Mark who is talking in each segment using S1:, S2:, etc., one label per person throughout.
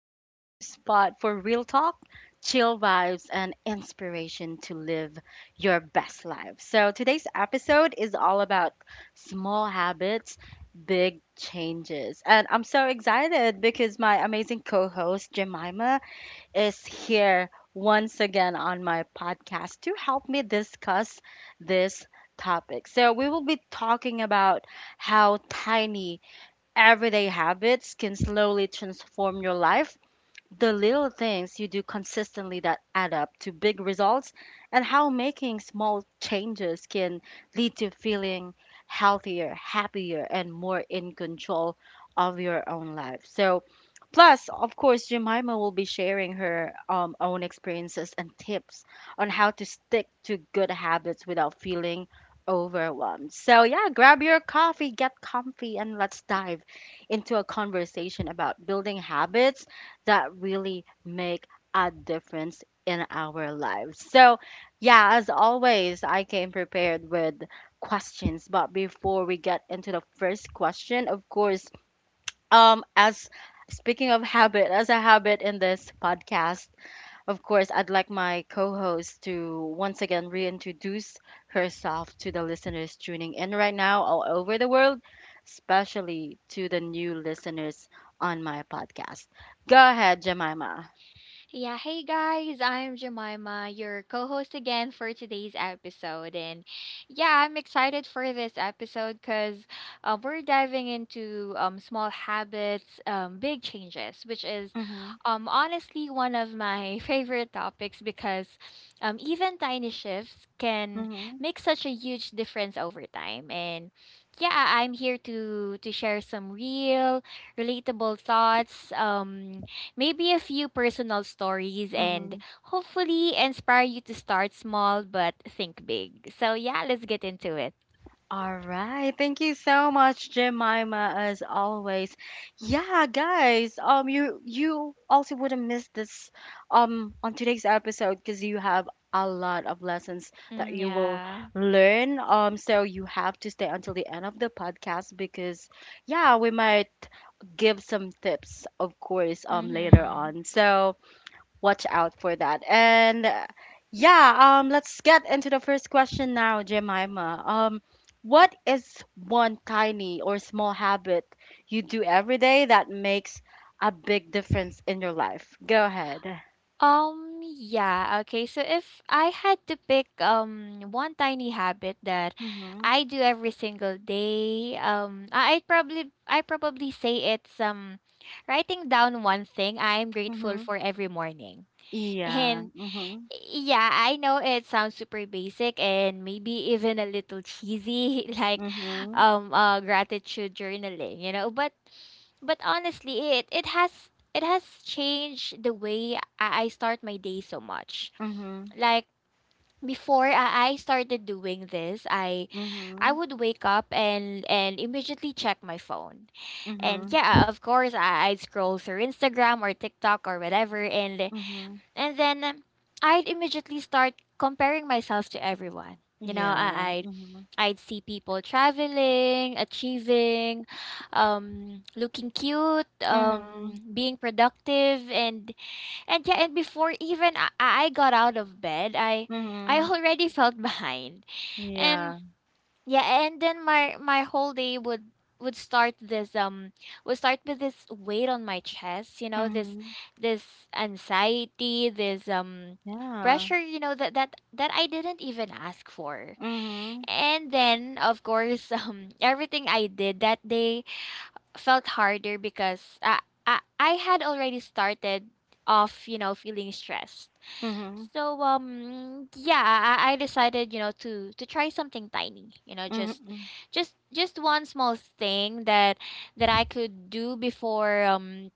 S1: your go to spot for real talk, chill vibes, and inspiration to live your best life. So, today's episode is all about small habits, big changes. And I'm so excited because my amazing co host Jemima is here once again on my podcast to help me discuss this topic. So, we will be talking about how tiny everyday habits can slowly transform your life, the little things you do consistently that add up to big results, and how making small changes can lead to feeling healthier, happier, and more in control of your own life. So, plus, of course, Jemima will be sharing her own experiences and tips on how to stick to good habits without feeling overwhelmed. So, yeah, grab your coffee, get comfy, and let's dive into a conversation about building habits that really make a difference in our lives. So, yeah, as always, I came prepared with questions, but before we get into the first question, of course, as speaking of habit, as a habit in this podcast, of course, I'd like my co host to once again reintroduce herself to the listeners tuning in right now all over the world, especially to the new listeners on my podcast. Go ahead, Jemima.
S2: Yeah, hey guys, I'm Jemima, your co host again for today's episode. And yeah, I'm excited for this episode because we're diving into small habits, big changes, which is
S1: Mm-hmm,
S2: honestly one of my favorite topics because even tiny shifts can
S1: mm-hmm.
S2: make such a huge difference over time. And yeah, I'm here to share some real, relatable thoughts. Maybe a few personal stories and hopefully inspire you to start small but think big. So yeah, let's get into it.
S1: All right. Thank you so much, Jemima, as always. Yeah, guys, you also wouldn't miss this on today's episode, because you have a lot of lessons that you will
S2: Yeah.
S1: learn. So you have to stay until the end of the podcast, because yeah, we might give some tips, of course, later
S2: Mm-hmm.
S1: on. So watch out for that. And yeah, let's get into the first question now, Jemima. What is one tiny or small habit you do every day that makes a big difference in your life? Go ahead.
S2: Yeah, okay. So if I had to pick one tiny habit that
S1: Mm-hmm.
S2: I do every single day, um, I probably say it's writing down one thing I am grateful
S1: Mm-hmm.
S2: for every morning.
S1: Yeah.
S2: And
S1: Mm-hmm.
S2: yeah, I know it sounds super basic and maybe even a little cheesy, like
S1: Mm-hmm.
S2: gratitude journaling. But honestly, it has changed the way I start my day so much.
S1: Mm-hmm.
S2: Like before I started doing this, I
S1: Mm-hmm.
S2: would wake up and immediately check my phone.
S1: Mm-hmm.
S2: And yeah, of course I'd scroll through Instagram or TikTok or whatever
S1: Mm-hmm.
S2: and then I'd immediately start comparing myself to everyone. You know,
S1: Yeah.
S2: I'd
S1: Mm-hmm.
S2: I'd see people traveling, achieving, looking cute,
S1: Mm-hmm.
S2: being productive, and yeah, and before even I got out of bed, I
S1: Mm-hmm.
S2: already felt behind, and
S1: Yeah.
S2: yeah, and then my whole day would start this would start with this weight on my chest, you know, this
S1: Mm-hmm.
S2: this anxiety, this
S1: Yeah.
S2: pressure, you know, that I didn't even ask for.
S1: Mm-hmm.
S2: And then of course, everything I did that day felt harder because I had already started off, you know, feeling stressed.
S1: Mm-hmm.
S2: So yeah, I decided, you know, to try something tiny, you know,
S1: Mm-hmm.
S2: just one small thing that that I could do before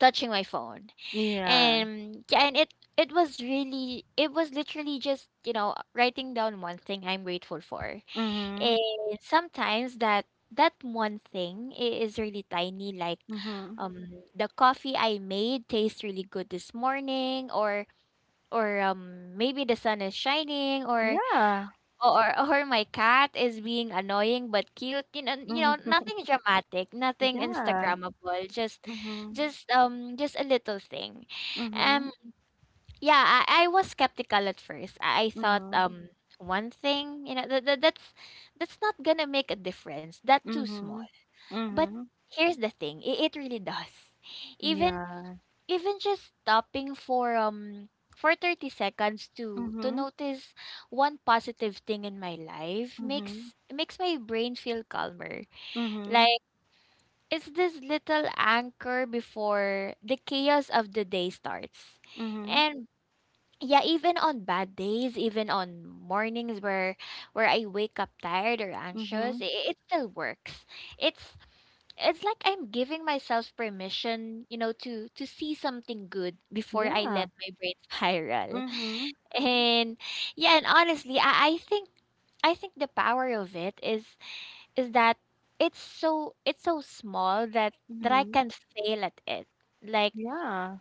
S2: touching my phone.
S1: Yeah.
S2: And yeah, and it was really it was literally just, you know, writing down one thing I'm grateful for. And
S1: Mhm.
S2: sometimes that one thing is really tiny, like
S1: Mhm.
S2: the coffee I made tastes really good this morning, or maybe the sun is shining, or
S1: Yeah.
S2: my cat is being annoying but cute, you know,
S1: Mhm.
S2: nothing dramatic, nothing
S1: Yeah.
S2: instagrammable,
S1: Mhm.
S2: just a little thing.
S1: Mhm.
S2: um yeah, I was skeptical at first. I thought
S1: Mhm.
S2: one thing, you know, that's not gonna make a difference, that's too small.
S1: Mhm.
S2: But
S1: Mhm.
S2: here's the thing, it really does. Even
S1: Yeah.
S2: even just stopping for 30 seconds to
S1: Mhm.
S2: notice one positive thing in my life
S1: Mhm.
S2: makes my brain feel calmer.
S1: Mhm.
S2: Like it's this little anchor before the chaos of the day starts.
S1: Mhm.
S2: And yeah, even on bad days, even on mornings where I wake up tired or anxious,
S1: Mhm.
S2: it still works. it's it's like I'm giving myself permission, you know, to see something good before I
S1: Yeah.
S2: let my brain spiral.
S1: Mhm.
S2: And yeah, and honestly, I think the power of it is that it's so small that that I
S1: Mhm.
S2: can fail at it. Like
S1: Yeah.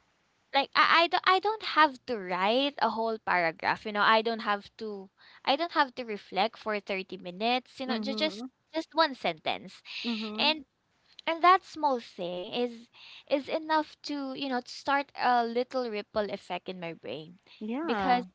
S2: I don't have to write a whole paragraph, you know, I don't have to reflect for 30 minutes, you know,
S1: Mhm.
S2: just one sentence.
S1: Mhm.
S2: And and that small thing is enough to, you know, to start a little ripple effect in my brain,
S1: Yeah.
S2: because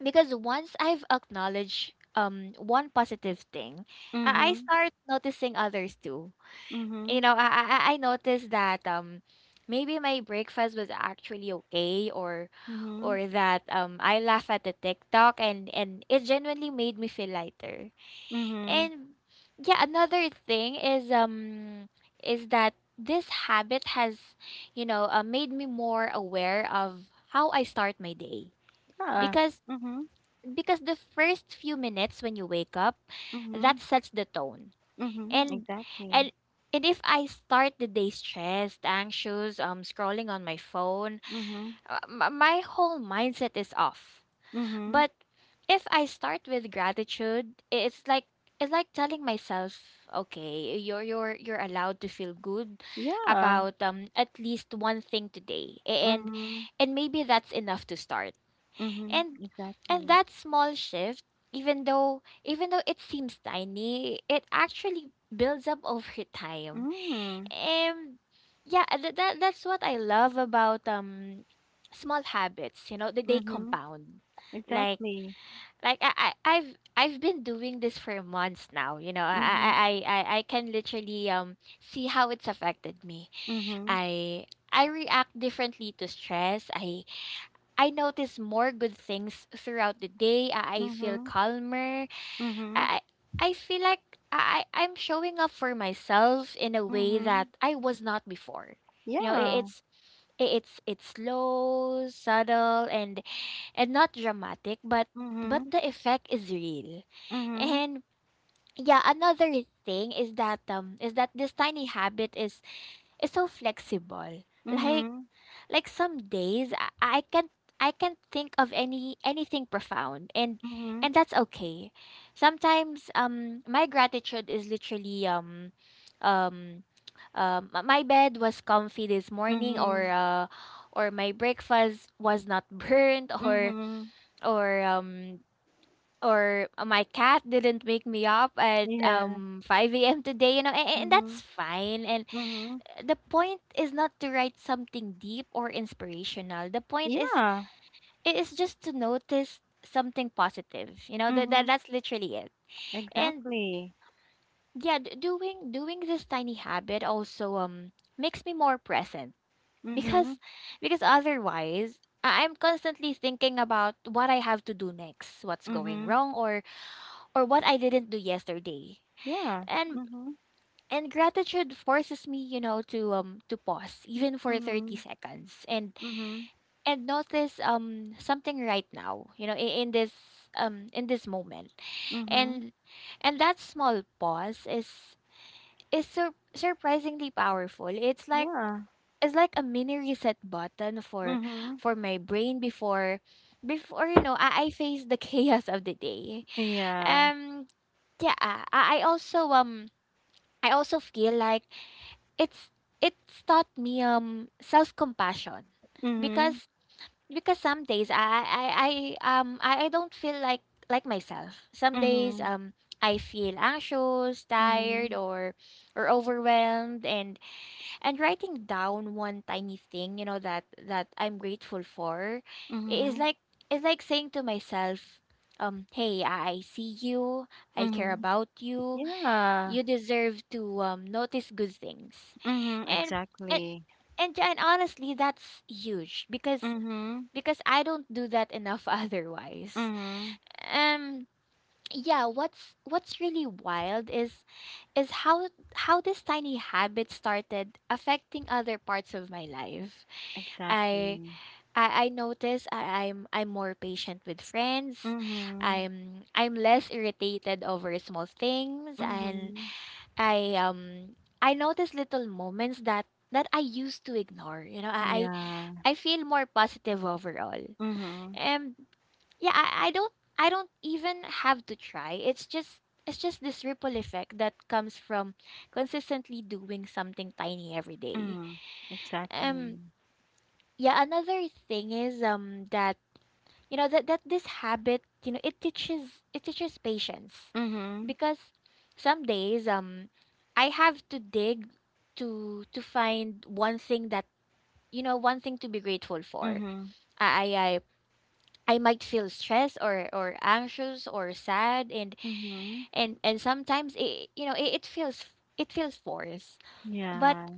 S2: because once I've acknowledged one positive thing, I
S1: Mhm.
S2: start noticing others too.
S1: Mhm.
S2: You know, I noticed that maybe my breakfast was actually okay,
S1: Mhm.
S2: or that I laugh at the tiktok and it genuinely made me feel lighter.
S1: Mhm.
S2: And yeah, another thing is that this habit has, you know, made me more aware of how I start my day.
S1: Yeah.
S2: Because
S1: Mhm.
S2: because the first few minutes when you wake up,
S1: Mhm.
S2: that sets the tone.
S1: Mhm.
S2: And
S1: Exactly.
S2: and if I start the day stressed, anxious, scrolling on my phone,
S1: Mhm.
S2: my whole mindset is off.
S1: Mhm.
S2: But if I start with gratitude, it's like telling myself, okay, you're allowed to feel good
S1: Yeah.
S2: about at least one thing today. A- And
S1: Mhm.
S2: and maybe that's enough to start.
S1: Mhm.
S2: And and
S1: Exactly.
S2: that small shift, even though it seems tiny, it actually builds up over time.
S1: Mm.
S2: And yeah, that's what I love about small habits, you know, that they
S1: Mhm.
S2: compound. Like
S1: Exactly.
S2: like I I've been doing this for months now. You know,
S1: Mhm.
S2: I can literally see how it's affected me.
S1: Mhm.
S2: I I react differently to stress. I notice more good things throughout the day. I feel
S1: Mhm.
S2: calmer.
S1: Mhm.
S2: I I I feel like I'm showing up for myself in a way that
S1: Mhm.
S2: I was not before. You know,
S1: Yeah.
S2: it's slow, subtle, and not dramatic, but
S1: Mhm.
S2: the effect is real.
S1: Mhm.
S2: And yeah, another thing is that this tiny habit is so flexible. Like
S1: Mhm.
S2: like some days I can't think of anything profound,
S1: Mhm.
S2: and that's okay. Sometimes my gratitude is literally um my bed was comfy this morning,
S1: Mhm.
S2: or my breakfast was not burnt,
S1: Mhm.
S2: or um or my cat didn't wake me up at
S1: Yeah.
S2: 5 a.m. today, you know, and
S1: Mhm.
S2: that's fine. And
S1: Mhm.
S2: the point is not to write something deep or inspirational. The point is
S1: Yeah.
S2: it is just to notice something positive. You know,
S1: Mhm.
S2: that's literally it. And
S1: Exactly.
S2: yeah, doing this tiny habit also makes me more present,
S1: Mhm.
S2: because because otherwise I- I'm constantly thinking about what I have to do next, what's going
S1: Mhm.
S2: wrong, or what I didn't do yesterday.
S1: Yeah.
S2: And
S1: Mhm.
S2: and gratitude forces me, you know, to pause even for 30
S1: Mhm.
S2: seconds and
S1: Mhm.
S2: notice something right now, you know, in this moment.
S1: Mhm.
S2: And and that small pause is surprisingly powerful.
S1: Yeah.
S2: It's like a mini reset button for
S1: Mhm.
S2: my brain before you know I face the chaos of the day.
S1: Yeah.
S2: Um yeah, I also feel like it's it's taught me self compassion,
S1: Mhm.
S2: because because some days I I don't feel like myself. Some days
S1: Mhm.
S2: I feel anxious, tired,
S1: Mhm.
S2: or overwhelmed, and writing down one tiny thing, you know, that that I'm grateful for i- is
S1: Mhm.
S2: like is like saying to myself, hey, I see you, I care
S1: Mhm.
S2: about you,
S1: Yeah.
S2: you deserve to, notice good things.
S1: Mhm.
S2: And and
S1: Exactly.
S2: and honestly, that's huge,
S1: Mhm.
S2: because I don't do that enough otherwise.
S1: Mhm.
S2: um yeah, what's really wild is is how how this tiny habit started affecting other parts of my life. i
S1: Exactly.
S2: I notice I'm more patient with friends.
S1: Mhm.
S2: I'm less irritated over small things, and
S1: Mhm.
S2: I um I notice little moments that I used to ignore. You know,
S1: Yeah.
S2: I feel more positive overall.
S1: Mhm.
S2: And yeah, I don't even have to try. It's just this ripple effect that comes from consistently doing something tiny every day.
S1: Mhm. Exactly.
S2: Um yeah, another thing is that this habit, it teaches patience,
S1: Mhm.
S2: because some days I have to dig to find one thing that, one thing to be grateful for.
S1: Mhm.
S2: i i i I might feel stressed or anxious or sad, and
S1: Mhm.
S2: and and sometimes it feels it feels forced, but
S1: Yeah.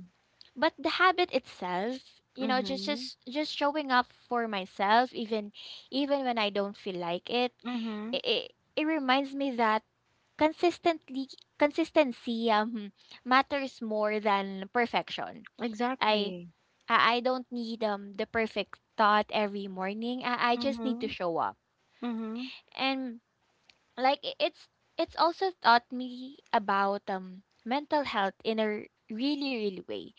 S2: the habit itself, just
S1: Mhm.
S2: just just showing up for myself, even even when I don't feel like it, it,
S1: Mhm.
S2: it, it reminds me that consistently consistency matters more than perfection. i
S1: Exactly.
S2: i I don't need the perfect thought every morning. I just need to
S1: Mhm.
S2: show up.
S1: Mhm.
S2: And it's also taught me about mental health in a really way.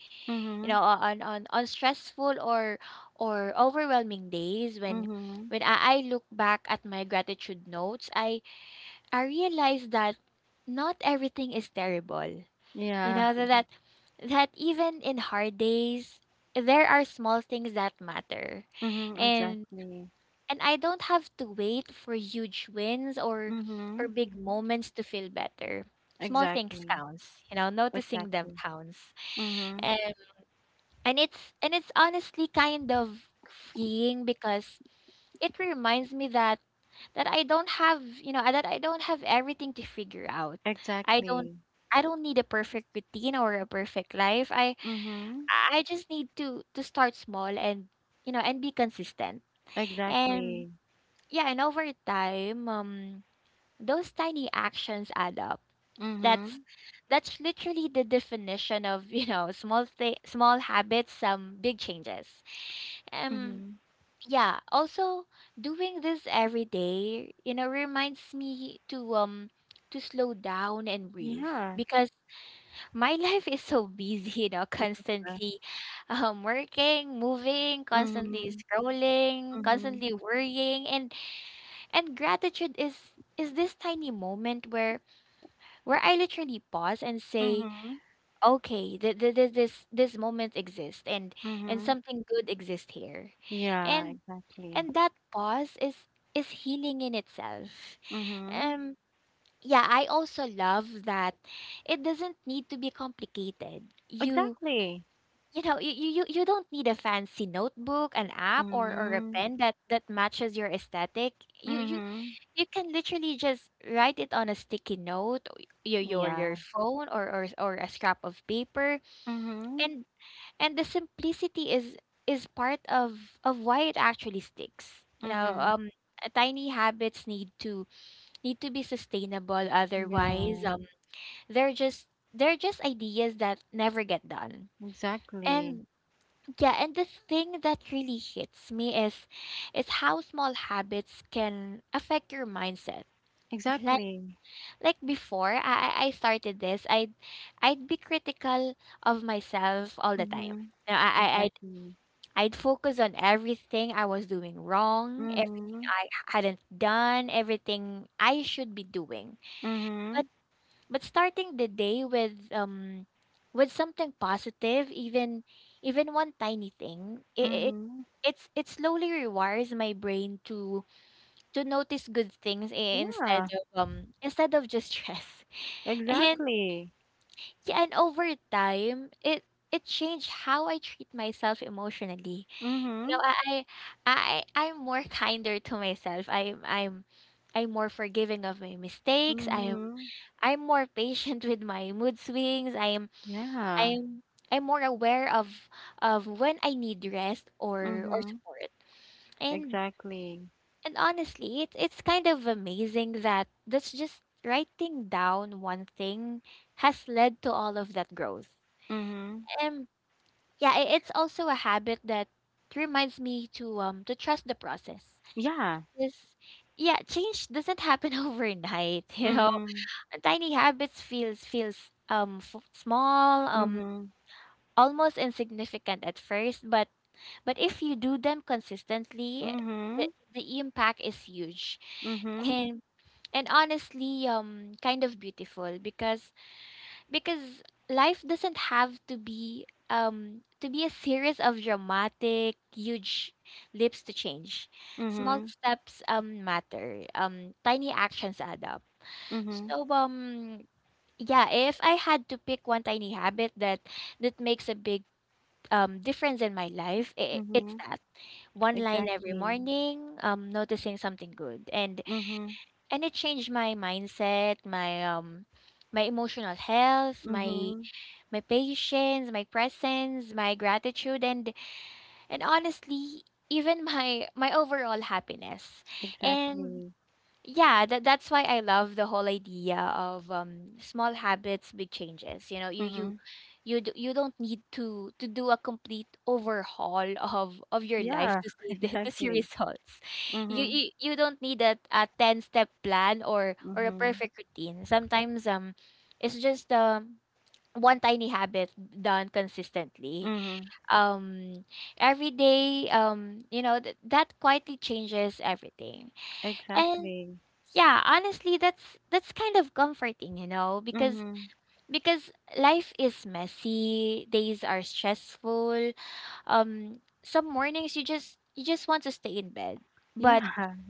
S2: You know,
S1: Mhm.
S2: on stressful or overwhelming days, when
S1: Mhm.
S2: I look back at my gratitude notes, I realize that not everything is terrible. You
S1: Yeah.
S2: know, that even in hard days there are small things that matter.
S1: Mhm.
S2: And
S1: Exactly.
S2: I don't have to wait for huge wins or
S1: Mhm.
S2: big moments to feel better. Small things
S1: Exactly.
S2: counts, you know, noticing them
S1: Exactly.
S2: counts.
S1: Mhm.
S2: And it's honestly kind of freeing, because it reminds me that I don't have, you know, that I don't have everything to figure out. I don't
S1: Exactly.
S2: I don't need a perfect routine or a perfect life.
S1: Mhm.
S2: I just need to start small and, you know, and be consistent. And
S1: Exactly.
S2: yeah, and over time, those tiny actions add up. That's
S1: Mhm,
S2: that's literally the definition of, you know, small habits, some big changes. Um,
S1: mhm.
S2: yeah, also, doing this every day, you know, reminds me to slow down and breathe,
S1: Yeah.
S2: because my life is so busy, you know,
S1: Yeah.
S2: constantly working, moving, constantly
S1: Mhm,
S2: scrolling,
S1: mhm,
S2: constantly worrying. And gratitude is this tiny moment where I literally pause and say,
S1: mhm,
S2: okay, this moment exists. And
S1: mhm.
S2: something good exists here.
S1: Yeah,
S2: And
S1: exactly.
S2: that pause is healing in itself.
S1: Mhm.
S2: um yeah, I also love that it doesn't need to be complicated.
S1: Exactly.
S2: You don't need a fancy notebook, an app, or a
S1: Mhm,
S2: pen that matches your aesthetic. you you
S1: mhm.
S2: you can literally just write it on a sticky note, or your
S1: Yeah.
S2: phone, or, a scrap of paper.
S1: Mhm,
S2: And the simplicity is part of why it actually sticks, you know.
S1: mhm.
S2: Tiny habits need to be sustainable, otherwise
S1: Yeah,
S2: they're just ideas that never get done.
S1: exactly.
S2: And the thing that really hits me is how small habits can affect your mindset. like
S1: Exactly.
S2: like before I started this, I'd be critical of myself all the time.
S1: Mhm,
S2: You know,
S1: exactly.
S2: I'd focus on everything I was doing wrong, everything
S1: Mhm,
S2: I hadn't done, everything I should be doing. But
S1: mhm,
S2: starting the day with something positive, even one tiny thing,
S1: mhm.
S2: it slowly rewires my brain to notice good things instead
S1: Yeah,
S2: of, just stress. And
S1: exactly.
S2: yeah, and over time, it changed how I treat myself emotionally. You know,
S1: Mhm,
S2: I'm more kinder to myself. I'm more forgiving of my mistakes.
S1: mhm.
S2: I'm more patient with my mood swings. I'm
S1: Yeah.
S2: I'm I'm more aware of when I need rest or
S1: Mhm,
S2: support. And
S1: exactly.
S2: honestly, it's kind of amazing that that's just writing down one thing has led to all of that growth.
S1: Mhm.
S2: Um yeah, it's also a habit that reminds me to trust the process.
S1: Yeah.
S2: Yes. Yeah, change doesn't happen overnight, you know.
S1: Mhm.
S2: Tiny habits feels small,
S1: Mhm.
S2: almost insignificant at first, but if you do them consistently,
S1: Mhm.
S2: the impact is huge.
S1: Mhm.
S2: And honestly, kind of beautiful, because because life doesn't have to be, to be a series of dramatic huge leaps to change. Small
S1: Mhm.
S2: steps matter, tiny actions add up.
S1: Mhm.
S2: So yeah, if I had to pick one tiny habit that makes a big difference in my life, I it's
S1: Mhm.
S2: that one line every
S1: Exactly.
S2: morning, noticing something good. And
S1: Mhm.
S2: it changed my mindset, my my emotional health, my
S1: Mhm.
S2: my patience, my presence, my gratitude, and honestly, even my overall happiness. And
S1: Exactly.
S2: yeah, that's why I love the whole idea of small habits, big changes. You know,
S1: Mhm.
S2: you you don't need to do a complete overhaul of your life
S1: Yeah.
S2: to see the, to see
S1: Exactly.
S2: results.
S1: Mhm.
S2: You don't need a 10 step plan or a
S1: Mhm.
S2: perfect routine. Sometimes it's just, one tiny habit done consistently,
S1: Mhm.
S2: um every day, you know, that quietly changes everything. And
S1: Exactly.
S2: yeah honestly, that's kind of comforting, you know, because
S1: Mhm.
S2: life is messy, days are stressful. Some mornings you just want to stay in bed. But
S1: Yeah.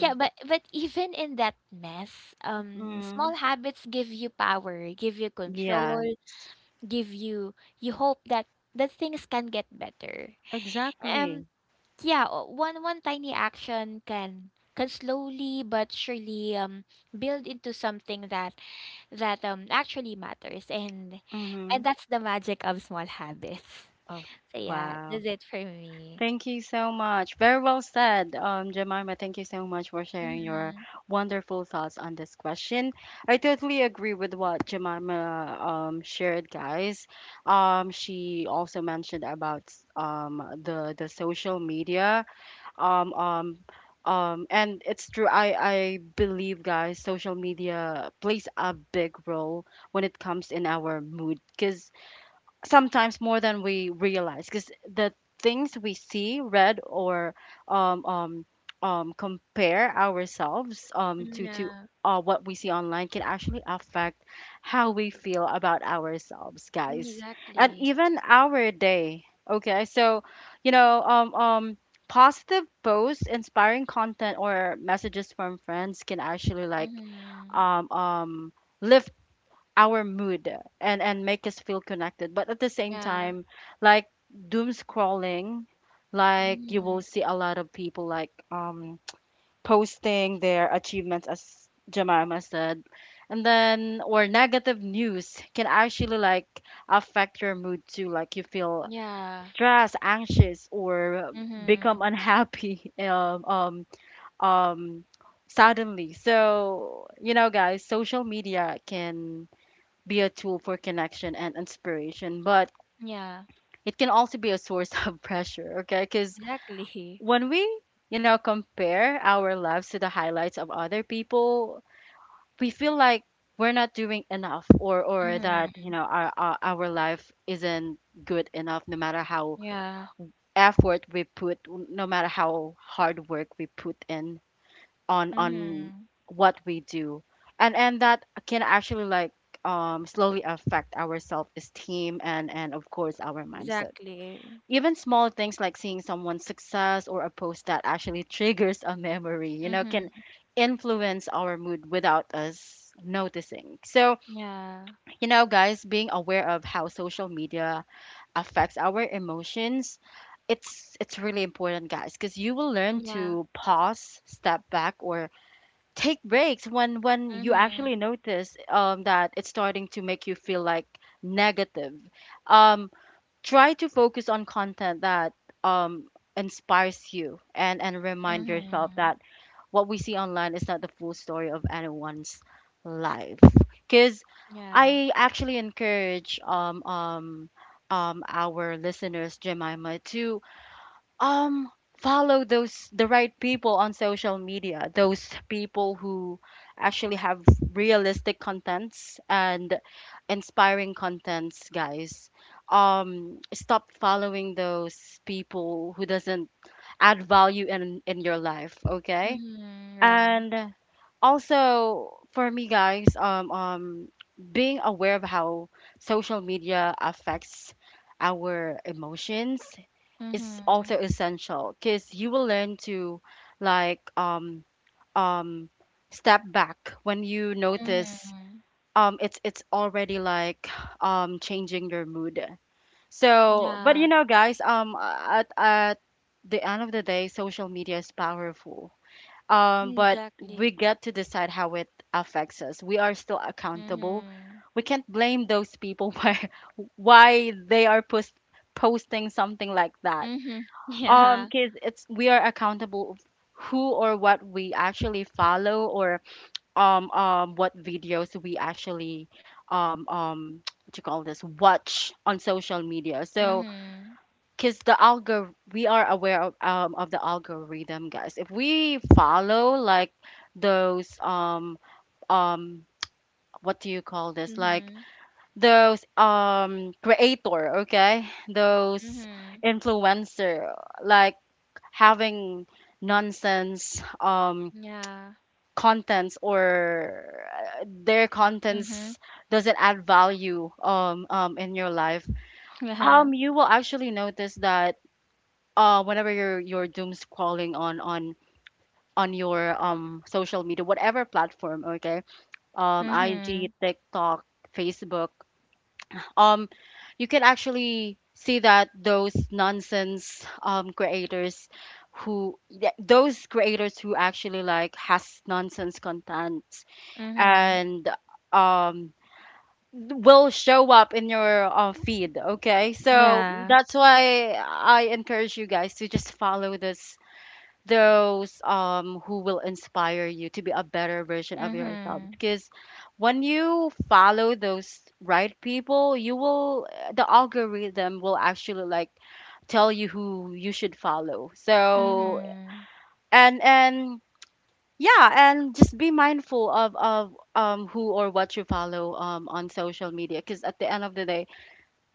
S2: even in that mess,
S1: Mhm.
S2: small habits give you power, give you control,
S1: Yeah.
S2: give you hope that things can get better. um
S1: Exactly.
S2: yeah, one tiny action can slowly but surely build into something that actually matters. And
S1: Mhm.
S2: that's the magic of small habits.
S1: Oh,
S2: So yeah,
S1: wow.
S2: that's it for me.
S1: Thank you so much. Very well said, Jemima. Thank you so much for sharing your
S2: Mm-hmm.
S1: wonderful thoughts on this question. I totally agree with what Jemima shared, guys. She also mentioned about the social media. Um, um, and it's true. I believe, guys, social media plays a big role when it comes in our mood, because sometimes more than we realize, because the things we see, read, or um, um, compare ourselves to
S2: Yeah.
S1: what we see online can actually affect how we feel about ourselves,
S2: Mm,
S1: guys, and
S2: exactly.
S1: even our day. Okay, so you know, positive posts, inspiring content, or messages from friends can actually like
S2: Mm-hmm.
S1: um, um, lift our mood and make us feel connected, but at the same
S2: Yeah.
S1: time, like doom scrolling, like you will
S2: Mm-hmm.
S1: see a lot of people like posting their achievements, as Jemima said, and then or negative news can actually like affect your mood too, like you feel
S2: Yeah.
S1: stressed, anxious, or
S2: Mm-hmm.
S1: become unhappy um suddenly. So you know guys, social media can be a tool for connection and inspiration, but
S2: Yeah.
S1: it can also be a source of pressure, okay? Because
S2: Exactly.
S1: when we, you know, compare our lives to the highlights of other people, we feel like we're not doing enough, or that,
S2: Mm-hmm.
S1: you know, our life isn't good enough, no matter how
S2: Yeah.
S1: effort we put, no matter how hard work we put in on
S2: Mhm.
S1: what we do, and that can actually like slowly affect our self-esteem and, of course, our mindset.
S2: Exactly.
S1: Even small things like seeing someone's success or a post that actually triggers a memory, you know, can
S2: Mhm.
S1: influence our mood without us noticing. So
S2: Yeah.
S1: you know guys, being aware of how social media affects our emotions, it's really important, guys, because you will learn
S2: Yeah.
S1: to pause, step back, or take breaks when you actually
S2: Mhm.
S1: notice that it's starting to make you feel like negative. Um, try to focus on content that um, inspires you, and remind yourself
S2: Mhm.
S1: that what we see online is not the full story of anyone's life. Because
S2: Yeah.
S1: I actually encourage our listeners, Jemima, to um follow those, the right people, on social media, those people who actually have realistic contents and inspiring contents, guys. Stop following those people who doesn't add value in your life, okay?
S2: Mhm. Yeah.
S1: And also for me guys, being aware of how social media affects our emotions is
S2: Mhm.
S1: also essential, because you will learn to like um step back when you notice
S2: Mhm.
S1: it's already like changing your mood. So, but you
S2: Yeah.
S1: know guys, at the end of the day, social media is powerful, but we
S2: Exactly.
S1: get to decide how it affects us. We are still accountable.
S2: Mhm.
S1: We can't blame those people why they are posting something like that,
S2: Mhm. Yeah.
S1: because it's, we are accountable of who or what we actually follow, or what videos we actually um um what you call this, watch on social media. So
S2: Mhm.
S1: because the algor, we are aware of the algorithm, guys. If we follow like those um what do you call this, like
S2: Mm-hmm.
S1: those creator, okay, those
S2: Mhm.
S1: influencer, like having nonsense
S2: Yeah.
S1: contents, or their
S2: Mhm.
S1: contents doesn't add value in your life,
S2: Yeah.
S1: you will actually notice that whenever you're doom scrolling on on your social media, whatever platform, okay,
S2: Mhm.
S1: IG, TikTok, Facebook, um you can actually see that those nonsense creators, who those creators who actually like has nonsense content
S2: Mhm.
S1: and um will show up in your feed, okay. So
S2: Yeah.
S1: that's why I encourage you guys to just follow this, those who will inspire you to be a better version of yourself.
S2: Mhm.
S1: Because when you follow those right people, you will the algorithm will actually like tell you who you should follow. So,
S2: Mhm.
S1: and yeah and just be mindful of who or what you follow on social media, because at the end of the day,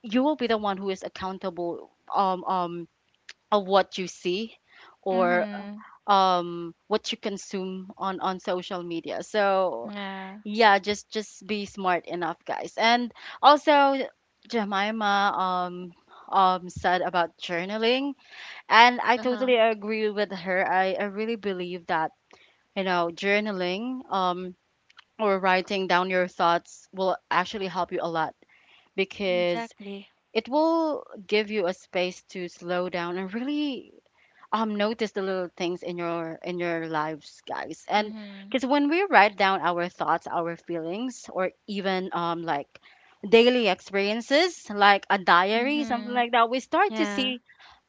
S1: you will be the one who is accountable of what you see, or
S2: Mhm.
S1: what you consume on social media. So
S2: Yeah.
S1: yeah, just be smart enough, guys. And also, Jemima said about journaling, and I
S2: Uh-huh.
S1: totally agree with her. I really believe that, you know, journaling or writing down your thoughts will actually help you a lot, because
S2: Exactly.
S1: it will give you a space to slow down and really notice the little things in your lives, guys. And
S2: Mhm.
S1: because when we write down our thoughts, our feelings, or even like daily experiences, like a diary, something
S2: Mhm.
S1: like that, we start to
S2: Yeah.
S1: see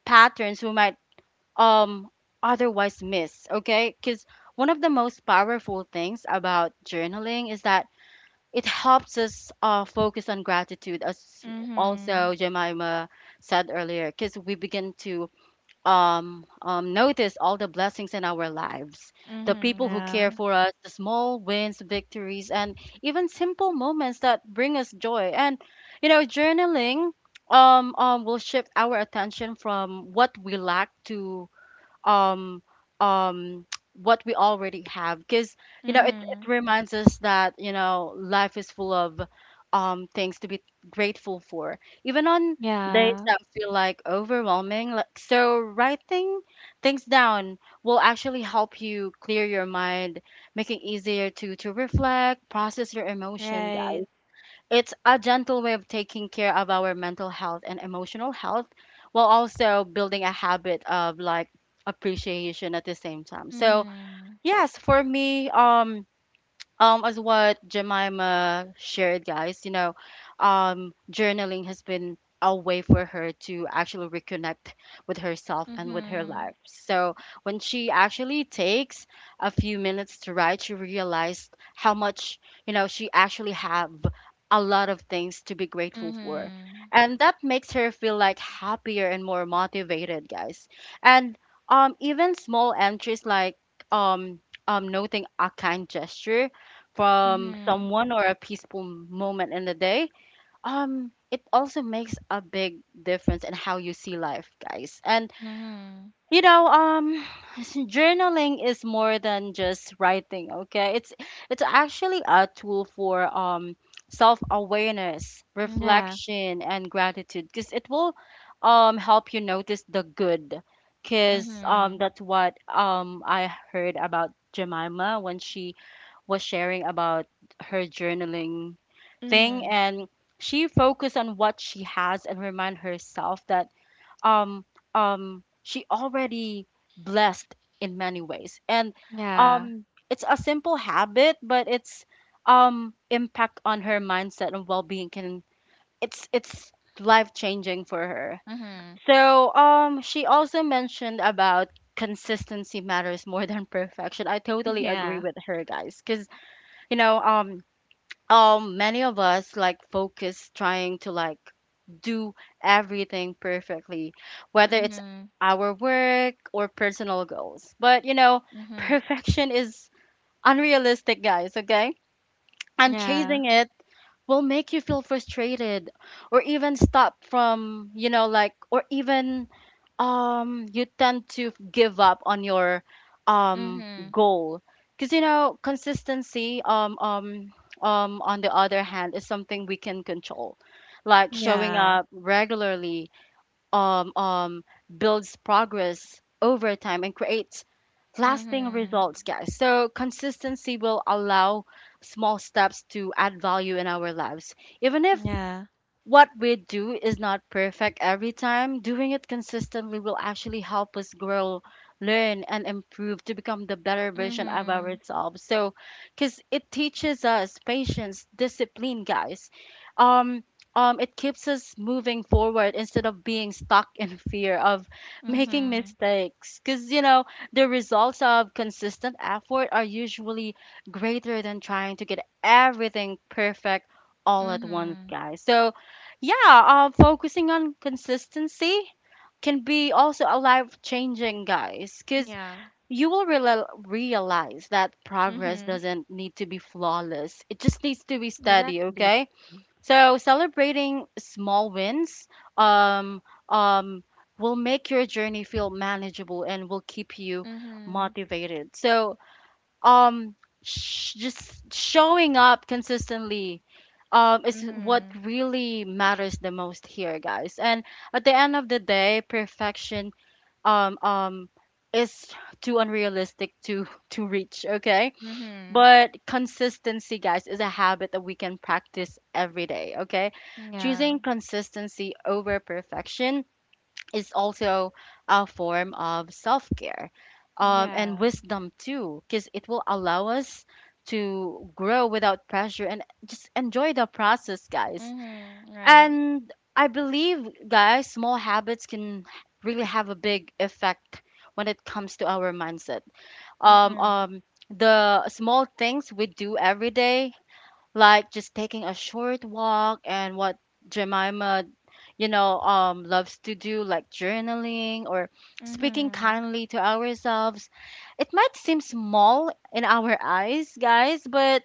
S1: patterns we might um otherwise miss, okay? Because one of the most powerful things about journaling is that it helps us focus on gratitude, as
S2: Mhm.
S1: also Jemima said earlier, because we begin to notice all the blessings in our lives, the
S2: Mhm.
S1: people who
S2: Yeah.
S1: care for us, the small wins, victories, and even simple moments that bring us joy. And, you know, journaling will shift our attention from what we lack to um um what we already have. Because you know, it,
S2: Mhm.
S1: it reminds us that, you know, life is full of things to be grateful for, even on days
S2: Yeah.
S1: that feel like overwhelming. Like, so writing things down will actually help you clear your mind, making easier to reflect, process your emotion,
S2: Right.
S1: guys. It's a gentle way of taking care of our mental health and emotional health, while also building a habit of like appreciation at the same time. So,
S2: Mhm.
S1: yes, for me, as what Jemima shared, guys, journaling has been a way for her to actually reconnect with herself and with her
S2: Mhm.
S1: life. So when she actually takes a few minutes to write, she realized how much, she actually have a lot of things to be grateful for.
S2: Mhm.
S1: And that makes her feel like happier and more motivated, guys. And even small entries like um noting a kind gesture from
S2: Mhm.
S1: someone or a peaceful moment in the day, it also makes a big difference in how you see life, guys. And
S2: Mhm.
S1: you know, um, journaling is more than just writing. Okay, it's actually a tool for self-awareness,
S2: Yeah.
S1: reflection, and gratitude because it will help you notice the good. Because
S2: Mhm.
S1: that's what I heard about Jemima when she was sharing about her journaling thing,
S2: Mhm.
S1: and she focused on what she has and remind herself that um she already blessed in many ways, and
S2: Yeah.
S1: it's a simple habit, but it's impact on her mindset and well-being can, it's life changing for her.
S2: Mhm.
S1: So, she also mentioned about consistency matters more than perfection. I totally agree
S2: Yeah.
S1: with her, guys, because you know, many of us like focus trying to like do everything perfectly, whether it's
S2: Mhm.
S1: our work or personal goals. But you know,
S2: Mhm.
S1: perfection is unrealistic, guys. Okay, and
S2: Yeah.
S1: chasing it will make you feel frustrated or even stop from you know like or even you tend to give up on your um
S2: Mhm.
S1: goal. Because you know consistency, on the other hand, is something we can control, like showing
S2: Yeah.
S1: up regularly, um um builds progress over time and creates lasting
S2: Mhm.
S1: results, guys. So consistency will allow small steps to add value in our lives, even if
S2: Yeah.
S1: what we do is not perfect every time. Doing it consistently will actually help us grow, learn, and improve to become the better version of
S2: Mhm.
S1: ourselves. So, because it teaches us patience, discipline, guys. Um, it keeps us moving forward instead of being stuck in fear of making
S2: Mhm.
S1: mistakes. Because, you know, the results of consistent effort are usually greater than trying to get everything perfect all at once,
S2: Mhm.
S1: guys. So, yeah, focusing on consistency can be also a life changing, guys, because
S2: Yeah.
S1: you will realize that progress
S2: Mhm.
S1: doesn't need to be flawless. It just needs to be steady,
S2: Exactly.
S1: okay? So celebrating small wins um, um, will make your journey feel manageable and will keep you
S2: Mhm.
S1: motivated. So, um just showing up consistently is what
S2: Mhm.
S1: really matters the most here, guys, and at the end of the day, perfection um um is too unrealistic to to reach, okay,
S2: Mhm.
S1: but consistency, guys, is a habit that we can practice every day, okay? Choosing
S2: Yeah.
S1: consistency over perfection is also a form of self care, and
S2: Yeah.
S1: wisdom too, because it will allow us to grow without pressure and just enjoy the process, guys.
S2: Mhm. Right.
S1: And I believe, guys, small habits can really have a big effect when it comes to our mindset. Um,
S2: Mhm.
S1: um, the small things we do every day, like just taking a short walk, and what Jemima, loves to do, like journaling or speaking
S2: Mhm.
S1: kindly to ourselves. It might seem small in our eyes, guys, but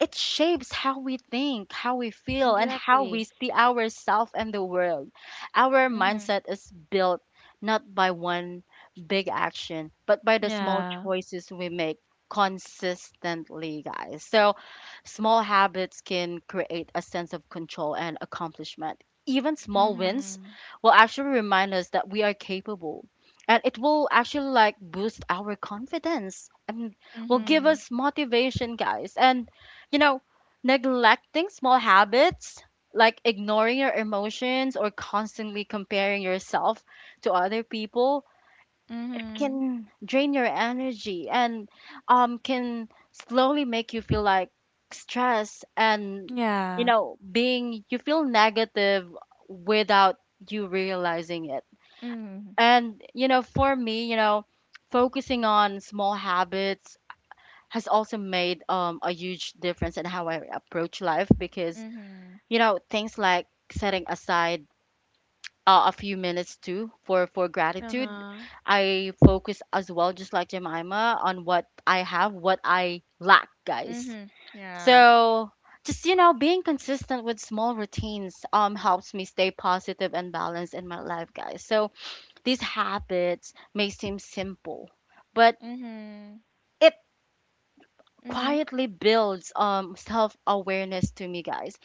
S1: it shapes how we think, how we feel, and how we
S2: Exactly.
S1: see ourselves and the world. Our
S2: Mhm.
S1: mindset is built not by one big action, but by the small
S2: Yeah.
S1: choices we make consistently, guys. So, small habits can create a sense of control and accomplishment. Even small wins
S2: Mhm.
S1: will actually remind us that we are capable. And it will actually like boost our confidence and will give
S2: Mhm.
S1: us motivation, guys. And you know, neglecting small habits like ignoring your emotions or constantly comparing yourself to other people
S2: Mhm.
S1: can drain your energy, and can slowly make you feel like stress, and you
S2: Yeah.
S1: know being you feel negative without you realizing it.
S2: Mhm.
S1: And you know, for me, focusing on small habits has also made a huge difference in how I approach life, because
S2: Mhm.
S1: you know, things like setting aside a few minutes too for gratitude.
S2: Uh-huh.
S1: I focus as well, just like Jemima, on what I have, what I lack, guys.
S2: Mhm. Yeah.
S1: So just you know being consistent with small routines helps me stay positive and balanced in my life, guys. So these habits may seem simple, but
S2: Mhm.
S1: it
S2: Mhm.
S1: quietly builds self-awareness to me, guys,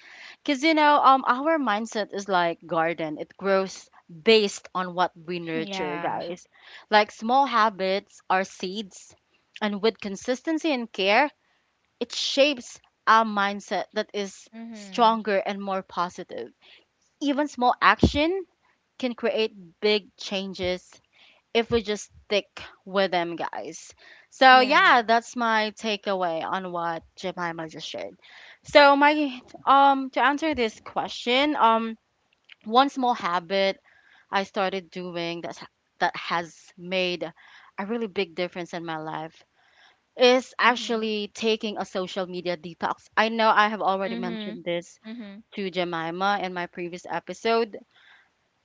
S1: because you know, our mindset is like garden. It grows based on what we nurture,
S2: Yeah.
S1: guys, like small habits are seeds, and with consistency and care it shapes our mindset that is
S2: Mhm.
S1: stronger and more positive. Even small action can create big changes if we just stick with them, guys. So, yeah,
S2: Yeah.
S1: that's my takeaway on what Jemima just shared. So, my to answer this question, one small habit I started doing that has made a really big difference in my life is
S2: Mhm.
S1: actually taking a social media detox. I know I have already mentioned
S2: Mhm.
S1: this
S2: Mhm.
S1: to Jemima in my previous episode.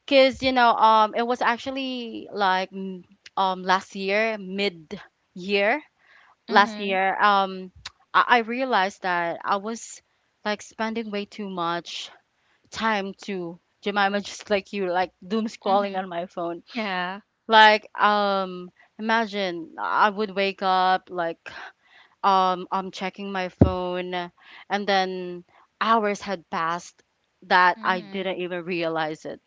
S1: Cause you know, it was actually like last year, mid year last
S2: Mhm.
S1: year. I realized that I was like spending way too much time to Jemima, just like you, like doom scrolling on
S2: Mhm.
S1: my phone.
S2: Yeah.
S1: Like, imagine I would wake up like I'm checking my phone, and then hours had passed that I didn't
S2: Mhm.
S1: even realize it,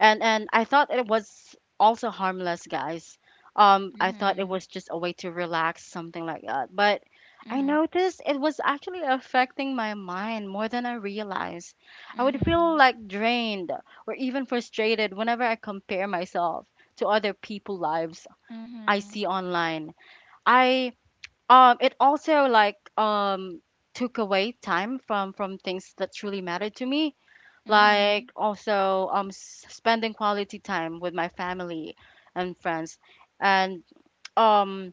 S1: and I thought it was also harmless, guys. I thought it
S2: Mhm.
S1: was just a way to relax, something like that. But I
S2: Mhm.
S1: noticed it was actually affecting my mind more than I realized. I would feel
S2: Mhm.
S1: like drained or even frustrated whenever I compare myself to other people' lives I
S2: Mhm.
S1: see online. I It also like took away time from things that truly mattered to me, like
S2: Mhm,
S1: also spending quality time with my family and friends, and um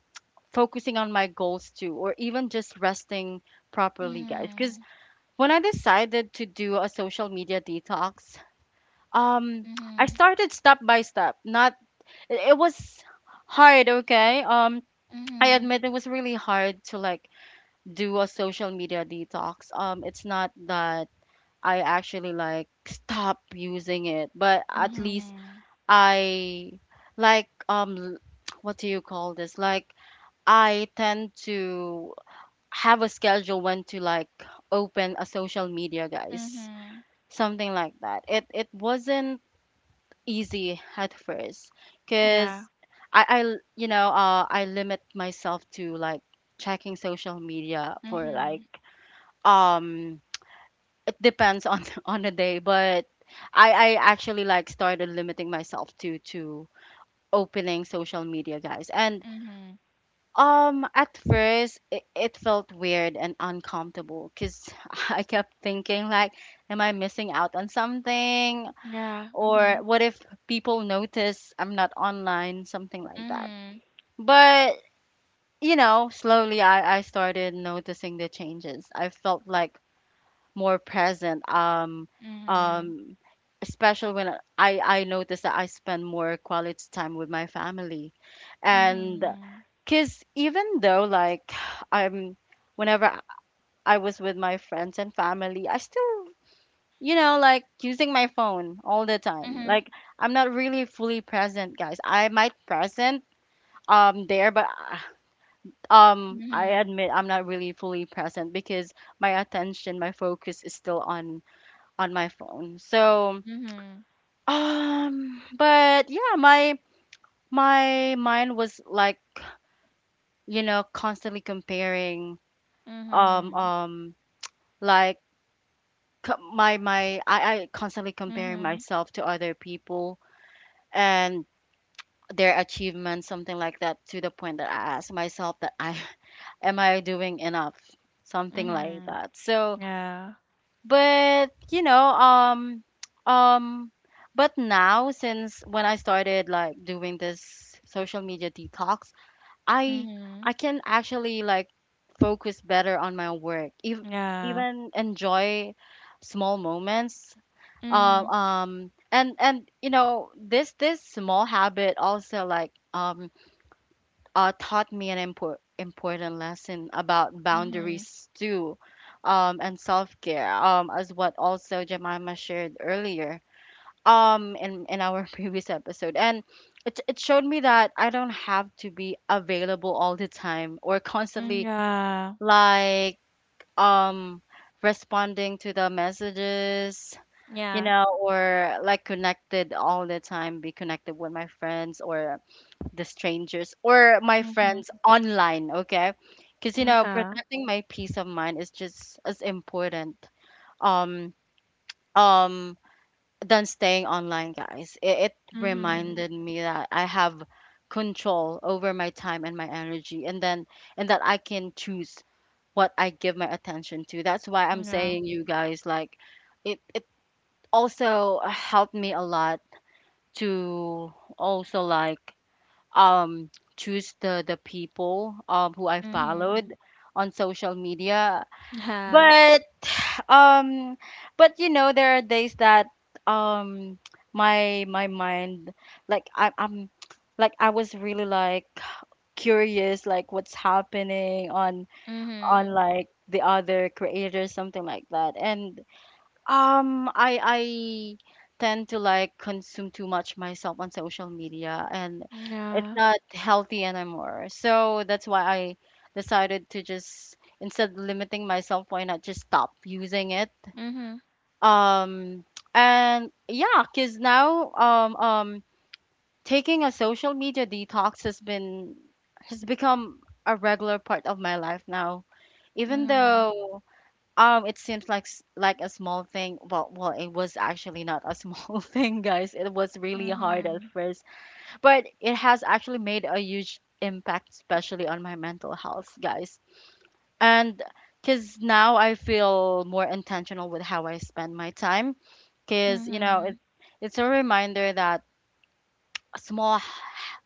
S1: focusing on my goals too, or even just resting properly, guys, because
S2: mhm,
S1: when I decided to do a social media detox, um I
S2: mhm,
S1: started step by step. Not it was hard, okay. Um, I
S2: mhm.
S1: admit it was really hard to like do a social media detox. Um, it's not that I actually like stop using it. But at least
S2: Mhm.
S1: I like what do you call this? Like I tend to have a schedule when to like open a social media, guys.
S2: Mhm.
S1: Something like that. It wasn't easy at first
S2: Yeah.
S1: because you know, I limit myself to like checking social media for like
S2: Mhm,
S1: um depends on on the day, but I actually like started limiting myself to opening social media, guys. And
S2: mhm.
S1: at first it felt weird and uncomfortable, cuz I kept thinking like, am I missing out on something,
S2: Yeah.
S1: or
S2: Mhm,
S1: what if people notice I'm not online, something like that. But you know, slowly I started noticing the changes. I felt like more present.
S2: mhm,
S1: Um, especially when I notice that I spend more quality time with my family,
S2: mhm,
S1: and
S2: mhm,
S1: because even though like I'm, whenever I was with my friends and family, I still you know like using my phone all the time.
S2: mhm,
S1: Like I'm not really fully present, guys. I might present there, but I
S2: mhm,
S1: admit I'm not really fully present because my attention, my focus is still on my phone. So,
S2: mhm,
S1: but yeah, my mind was like, you know, constantly comparing, um,
S2: mhm,
S1: um, like c- my I constantly comparing
S2: mhm,
S1: myself to other people, and their achievements, something like that, to the point that I ask myself that I am I doing enough, something like
S2: mhm.
S1: that. So.
S2: Yeah.
S1: But, you know, um but now, since when I started like doing this social media detox, I
S2: Mhm.
S1: I can actually like focus better on my work. If,
S2: Yeah.
S1: even enjoy small moments. Um
S2: Mhm,
S1: um and you know, this small habit also like taught me an important lesson about
S2: mhm.
S1: boundaries too, and self care, as what also Jemima shared earlier, in our previous episode, and it showed me that I don't have to be available all the time or
S2: Mm,
S1: constantly
S2: yeah.
S1: like um responding to the messages, you
S2: Yeah.
S1: know, or like connected all the time, be connected with my friends, or the strangers or my
S2: Mhm.
S1: friends online, okay? Because you know,
S2: Yeah.
S1: protecting my peace of mind is just as important um um than staying online, guys. It
S2: Mhm.
S1: reminded me that I have control over my time and my energy, and then and that I can choose what I give my attention to. That's why I'm
S2: Yeah.
S1: saying you guys like it. It also helped me a lot to also um, choose the people who I followed
S2: Mhm.
S1: on social media.
S2: Yeah.
S1: But um, but you know, there are days that um, my mind, like I, I'm, like I was really like curious, like what's happening on
S2: Mhm.
S1: like the other creators, something like that, and I tend to like consume too much myself on social media and it's
S2: Yeah.
S1: not healthy anymore. So that's why I decided to just instead of limiting myself, why not just stop using it?
S2: Mhm,
S1: Um, and yeah, 'cause now taking a social media detox has been has become a regular part of my life now. Even
S2: mhm,
S1: though it seems like like a small thing. Well, it was actually not a small thing, guys. It was really hard at
S2: mhm,
S1: first, but it has actually made a huge impact, especially on my mental health, guys. And because now I feel more intentional with how I spend my time, because you know it,
S2: mhm,
S1: it's a reminder that small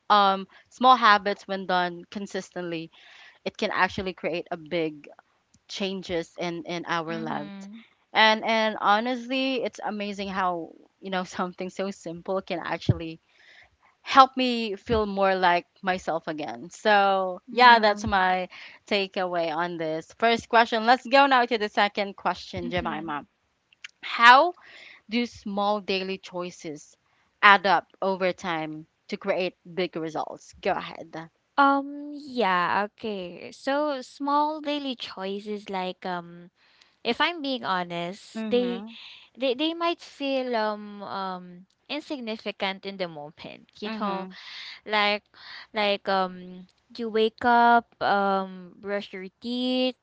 S1: small habits when done consistently, it can actually create a big changes in our lives
S2: mhm.
S1: and honestly it's amazing how something so simple can actually help me feel more like myself again. So yeah, that's
S2: No.
S1: my takeaway on this first question. Let's go now to the second question,
S2: Mhm.
S1: Jemima. How do small daily choices add up over time to create big results? Go ahead.
S2: Yeah, okay. So small daily choices, like, if I'm being honest,
S1: Mhm.
S2: they might feel insignificant in the moment, you know,
S1: Mhm.
S2: like, like um you wake up, brush your teeth,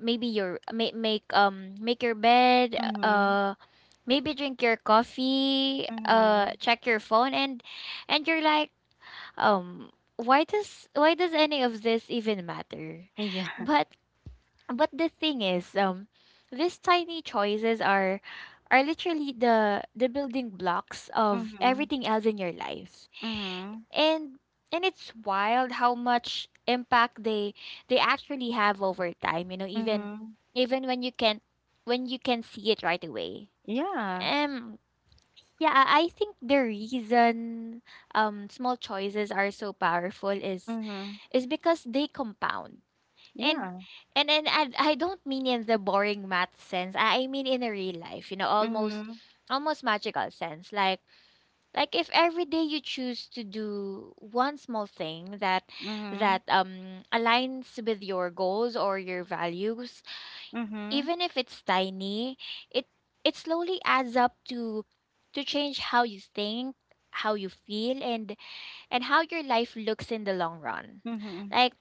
S2: maybe your make make make your bed,
S1: Mhm.
S2: uh maybe drink your coffee,
S1: Mhm.
S2: check your phone, and you're like, um why does any of this even matter?
S1: Yeah.
S2: But the thing is, these tiny choices are literally the building blocks of everything else in your life.
S1: Mm-hmm.
S2: And it's wild how much impact they actually have over time, you know, even
S1: Mm-hmm.
S2: when you can, see it right away.
S1: Yeah.
S2: Um, yeah, I think the reason small choices are so powerful is
S1: Mhm.
S2: because they compound. And
S1: Yeah.
S2: I don't mean in the boring math sense. I mean in a real life, you know, almost
S1: Mhm.
S2: magical sense. Like if every day you choose to do one small thing that
S1: Mhm.
S2: aligns with your goals or your values,
S1: Mhm.
S2: even if it's tiny, it it slowly adds up to change how you think, how you feel, and how your life looks in the long run.
S1: Mhm.
S2: Like,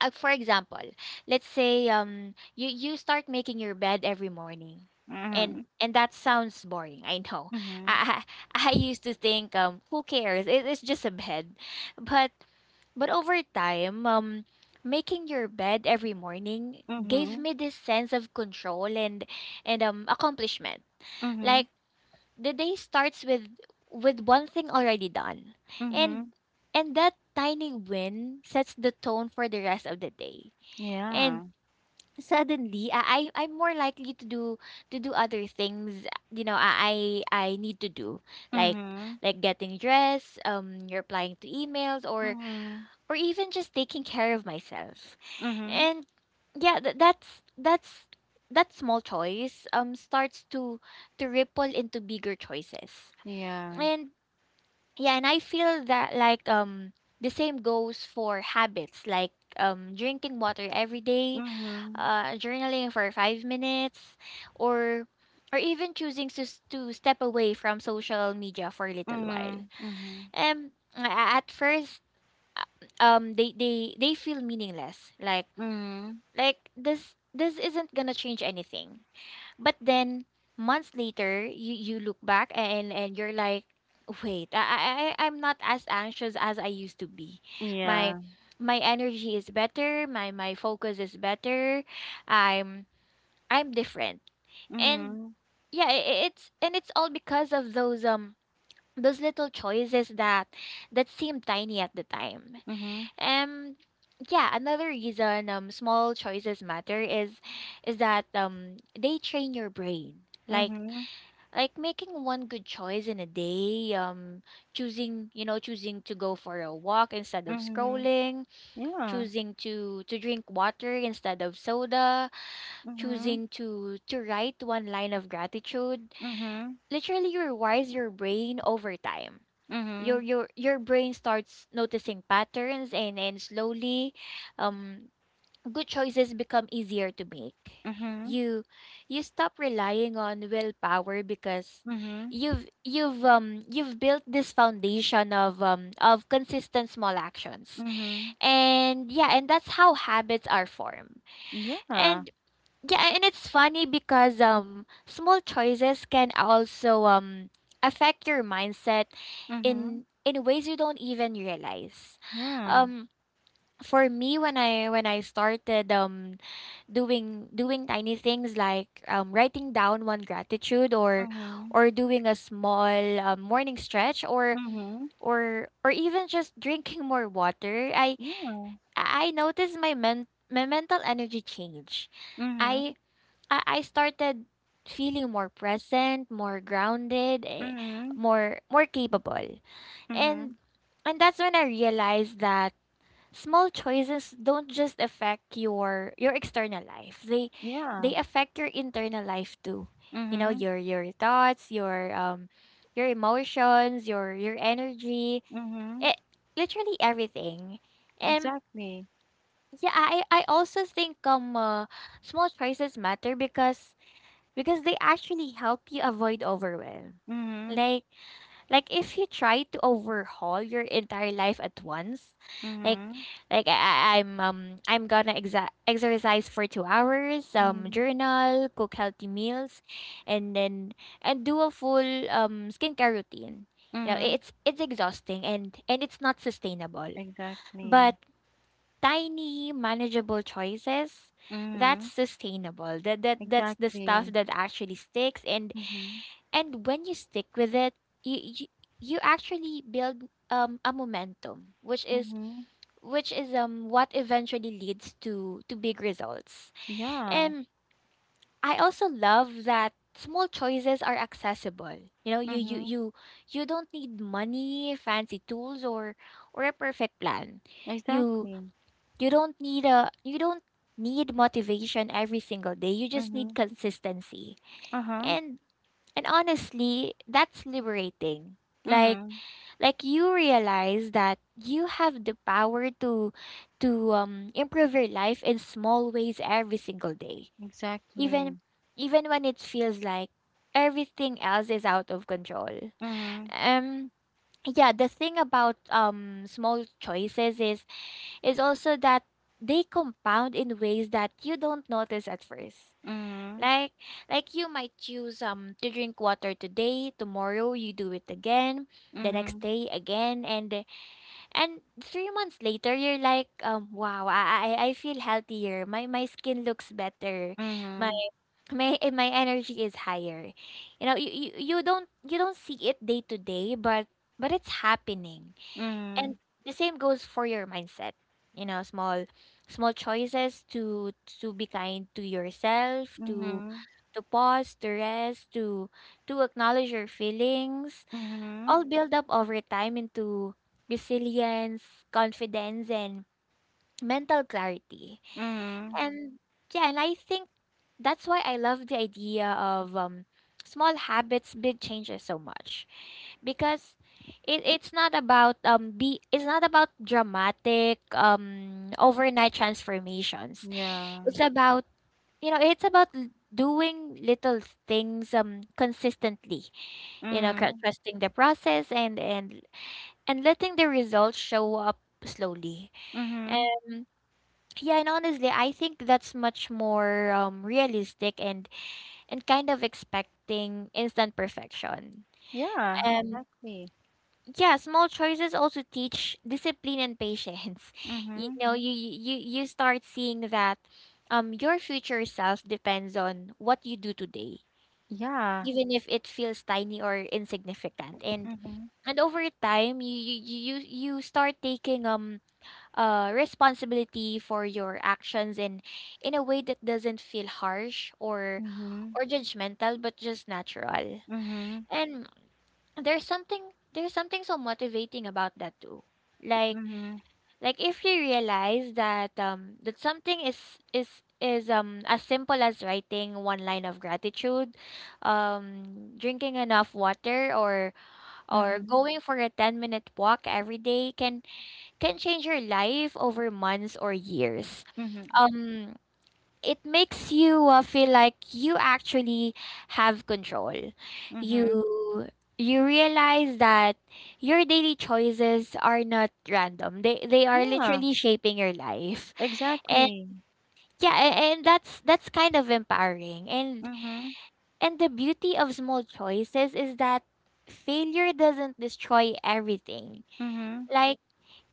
S2: for example, let's say you start making your bed every morning. And
S1: Mhm.
S2: that sounds boring. I know.
S1: Mhm.
S2: I I used to think, who cares? It's just a bed. But over time, making your bed every morning gave
S1: Mhm.
S2: me this sense of control and, accomplishment.
S1: Mhm.
S2: Like the day starts with one thing already done. And
S1: Mhm.
S2: that tiny win sets the tone for the rest of the day.
S1: Yeah.
S2: And suddenly I, I'm more likely to do, other things I need to do, like,
S1: Mhm.
S2: getting dressed, replying to emails, or
S1: Mhm.
S2: even just taking care of myself.
S1: Mhm.
S2: And yeah, that's, that small choice starts to ripple into bigger choices.
S1: Yeah.
S2: And yeah, and I feel that, like, the same goes for habits, like drinking water every day,
S1: Mhm.
S2: journaling for 5 minutes, or even choosing to, to step away from social media for a little while.
S1: Mhm. Mhm.
S2: Um, a- at first, uh, they, they feel meaningless. Like
S1: Mhm.
S2: this isn't gonna change anything. But then months later, you look back and you're like, wait, I'm not as anxious as I used to be. My
S1: Yeah.
S2: my energy is better. My focus is better. I'm I'm different. And
S1: Mhm.
S2: yeah, it's all because of those little choices that seem tiny at the time.
S1: Mhm.
S2: Um yeah, Another reason small choices matter is that they train your brain. Like
S1: Mhm.
S2: making one good choice in a day, choosing, you know, choosing to go for a walk instead of
S1: Mhm.
S2: scrolling,
S1: Yeah.
S2: choosing to drink water instead of soda, choosing
S1: Mhm.
S2: to write one line of gratitude
S1: Mhm. Mhm.
S2: literally rewires your brain over time.
S1: Mhm.
S2: Your brain starts noticing patterns, and slowly um good choices become easier to make. you you stop relying on willpower, because
S1: Mhm.
S2: you've built this foundation of consistent small actions.
S1: Mhm.
S2: And that's how habits are formed.
S1: Yeah.
S2: And yeah, and it's funny because small choices can also affect your mindset in
S1: Mhm.
S2: ways you don't even realize.
S1: Yeah.
S2: Um for me when I started doing tiny things like writing down one gratitude
S1: Mhm.
S2: or doing a small morning stretch
S1: Mhm.
S2: or even just drinking more water,
S1: Yeah.
S2: I noticed my my mental energy change. I
S1: Mhm.
S2: I started feeling more present, more grounded,
S1: Mhm.
S2: more capable. And
S1: Mhm.
S2: and that's when I realized that small choices don't just affect your external life. They
S1: Yeah.
S2: affect your internal life too. You know,
S1: Mhm.
S2: your thoughts, your emotions, your energy,
S1: Mhm.
S2: it, literally everything. And
S1: Exactly.
S2: yeah, I also think small choices matter because they actually help you avoid overwhelm.
S1: Mhm.
S2: Like like if you try to overhaul your entire life at once, like
S1: Mhm.
S2: I'm I'm gonna exercise for 2 hours,
S1: Mhm.
S2: journal, cook healthy meals, and then and do a full skincare routine. You know,
S1: Mhm.
S2: it's exhausting and it's not sustainable. But
S1: Exactly.
S2: tiny manageable choices, that's
S1: Mhm.
S2: sustainable. That's the stuff
S1: Exactly.
S2: that actually sticks. and
S1: Mhm.
S2: and when you stick with it, you you, you actually build a momentum, which is
S1: Mhm.
S2: what eventually leads to big results.
S1: Yeah.
S2: And I also love that small choices are accessible. you know you you
S1: Mhm.
S2: you you don't need money, fancy tools or a perfect plan. you
S1: Exactly.
S2: you don't need motivation every single day. You just need
S1: Mhm.
S2: consistency.
S1: Uh-huh.
S2: And and honestly, that's liberating. Like
S1: Mhm.
S2: like you realize that you have the power to improve your life in small ways every single day. Even
S1: Exactly.
S2: even when it feels like everything else is out of control.
S1: Mhm.
S2: Um yeah, the thing about small choices is also that they compound in ways that you don't notice at first.
S1: Mhm.
S2: Like like you might choose to drink water today, tomorrow you do it again, the next
S1: Mhm.
S2: day again, and 3 months later you're like wow, I feel healthier, my skin looks better, my
S1: Mhm.
S2: my energy is higher. You know, you don't see it day to day, but it's happening. And
S1: Mhm.
S2: the same goes for your mindset. You know, small small choices to be kind to yourself,
S1: Mhm.
S2: to pause, to rest, to acknowledge your feelings,
S1: Mhm.
S2: all build up over time into resilience, confidence and mental clarity.
S1: Mhm.
S2: And yeah, and I think that's why I love the idea of small habits, big changes so much because it's not about be it's not about dramatic overnight transformations.
S1: Yeah.
S2: It's about, you know, it's about doing little things consistently, you know,
S1: Mhm.
S2: trusting the process and letting the results show up slowly.
S1: Mhm.
S2: Yeah, and honestly, I think that's much more realistic and kind of expecting instant perfection.
S1: Yeah,
S2: Um
S1: exactly.
S2: yeah, small choices also teach discipline and patience. You
S1: Mhm.
S2: know, you start seeing that your future self depends on what you do today,
S1: Yeah.
S2: even if it feels tiny or insignificant.
S1: Mhm.
S2: And over time, you start taking responsibility for your actions in a way that doesn't feel harsh
S1: Mhm.
S2: or judgmental but just natural.
S1: Mhm.
S2: And there's something so motivating about that too, like
S1: Mhm.
S2: like if you realize that that something is as simple as writing one line of gratitude, drinking enough water or
S1: Mhm.
S2: going for a 10-minute walk every day can change your life over months or years.
S1: Mhm.
S2: Um, it makes you feel like you actually have control.
S1: Mhm.
S2: You you realize that your daily choices are not random. They are
S1: Yeah,
S2: literally shaping your life. And
S1: exactly.
S2: yeah, and that's kind of empowering.
S1: Mhm.
S2: And the beauty of small choices is that failure doesn't destroy everything.
S1: Mhm.
S2: Like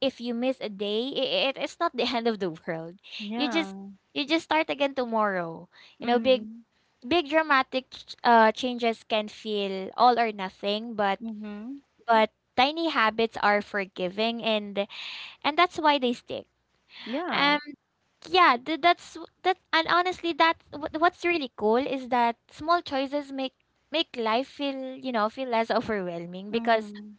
S2: if you miss a day, it it's not the end of the world. You just
S1: Yeah.
S2: you just start again tomorrow. You know, big
S1: Mhm.
S2: big dramatic changes can feel all or nothing,
S1: Mhm.
S2: but tiny habits are forgiving and that's why they stick.
S1: Yeah.
S2: Um yeah, that's that and honestly that's what's really cool is that small choices make make life feel, you know, feel less overwhelming because
S1: Mhm.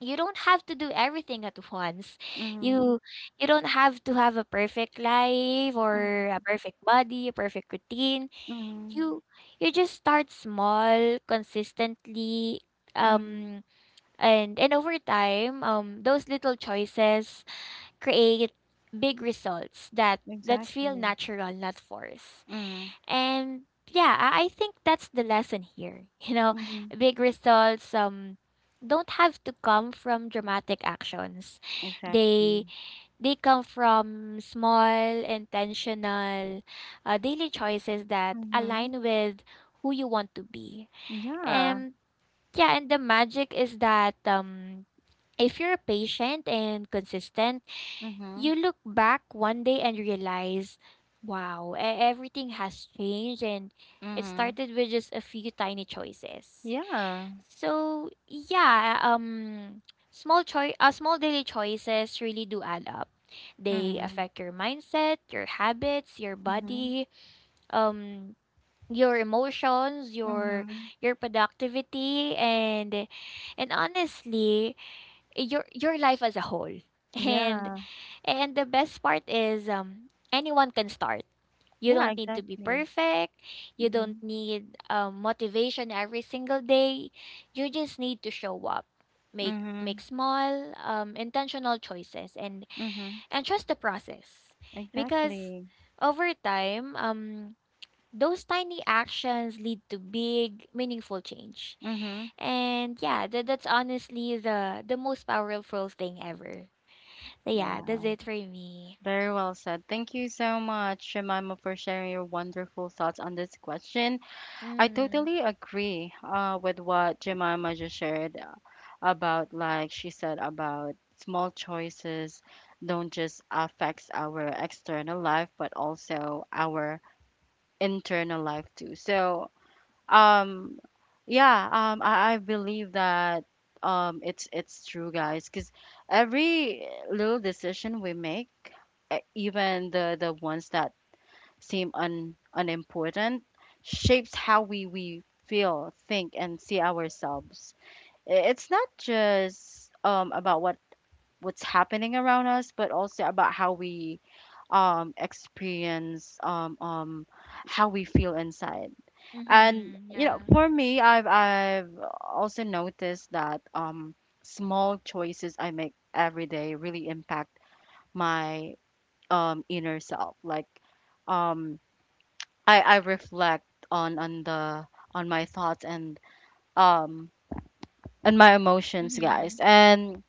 S2: you don't have to do everything at once.
S1: Mhm.
S2: You you don't have to have a perfect life or a
S1: Mhm.
S2: perfect body, a perfect routine.
S1: Mhm.
S2: You you just start small, consistently,
S1: Mhm.
S2: um and over time, those little choices create big results that that feel
S1: Exactly.
S2: natural, not forced.
S1: Mhm.
S2: And yeah, I think that's the lesson here. You know,
S1: Mhm.
S2: big results don't have to come from dramatic actions. They
S1: Exactly.
S2: they come from small, intentional, daily choices that
S1: Mhm.
S2: align with who you want to be.
S1: Yeah.
S2: And yeah, and the magic is that if you're patient and consistent, you
S1: Mhm.
S2: look back one day and realize, wow, everything has changed, and it
S1: Mhm.
S2: started with just a few tiny choices.
S1: Yeah.
S2: So, yeah, small daily choices really do add up. They
S1: Mhm.
S2: affect your mindset, your habits, your
S1: Mhm.
S2: body, um your emotions,
S1: Mhm.
S2: your productivity and honestly, your life as a whole. And
S1: Yeah.
S2: and the best part is, anyone can start. You
S1: Yeah,
S2: don't need to be
S1: exactly.
S2: perfect. You don't
S1: Mhm.
S2: need motivation every single day. You just need to show up. Make make
S1: Mhm.
S2: small intentional choices
S1: Mhm.
S2: and trust the process. Because
S1: Exactly.
S2: over time those tiny actions lead to big meaningful change.
S1: Mhm.
S2: And yeah, that's honestly the most powerful thing ever. So yeah, that's
S1: Wow.
S2: it for me.
S1: Very well said. Thank you so much, Jemima, for sharing your wonderful thoughts on this question. I
S2: Mm,
S1: totally agree with what Jemima just shared about, like she said, about small choices don't just affects our external life, but also our internal life too. So Um, yeah, um, I, I believe that it's true, guys, because every little decision we make, even the ones that seem un unimportant, shapes how we feel, think, and see ourselves. It's not just about what what's happening around us, but also about how we experience how we feel inside. And
S2: mhm,
S1: you know,
S2: yeah.
S1: for me, I've also noticed that small choices I make every day really impact my inner self. Like um I reflect on on the on my thoughts um and my emotions,
S2: Mhm.
S1: guys. And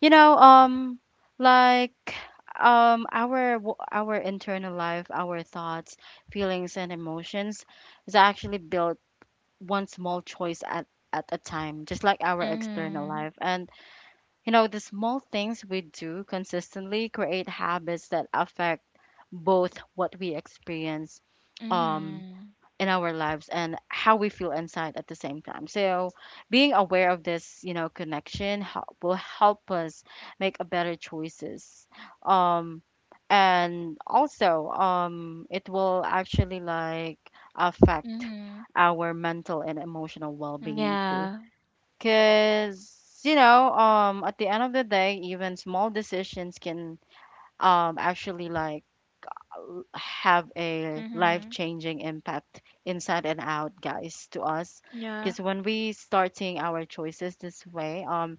S1: you know, like our our internal life, our thoughts, feelings and emotions is actually built one small choice at a time, just like our external
S2: Mhm.
S1: life. And you know, the small things we do consistently create habits that affect both what we experience um
S2: Mhm.
S1: in our lives and how we feel inside at the same time. So, being aware of this, you know, connection help, will help us make a better choices. Um, and also, it will actually like affect
S2: Mhm.
S1: our mental and emotional well-being too.
S2: Yeah.
S1: Cause you know, at the end of the day, even small decisions can actually like have a life
S2: Mhm.
S1: changing impact inside and out, guys, to us
S2: Yeah.
S1: because when we start seeing our choices this way,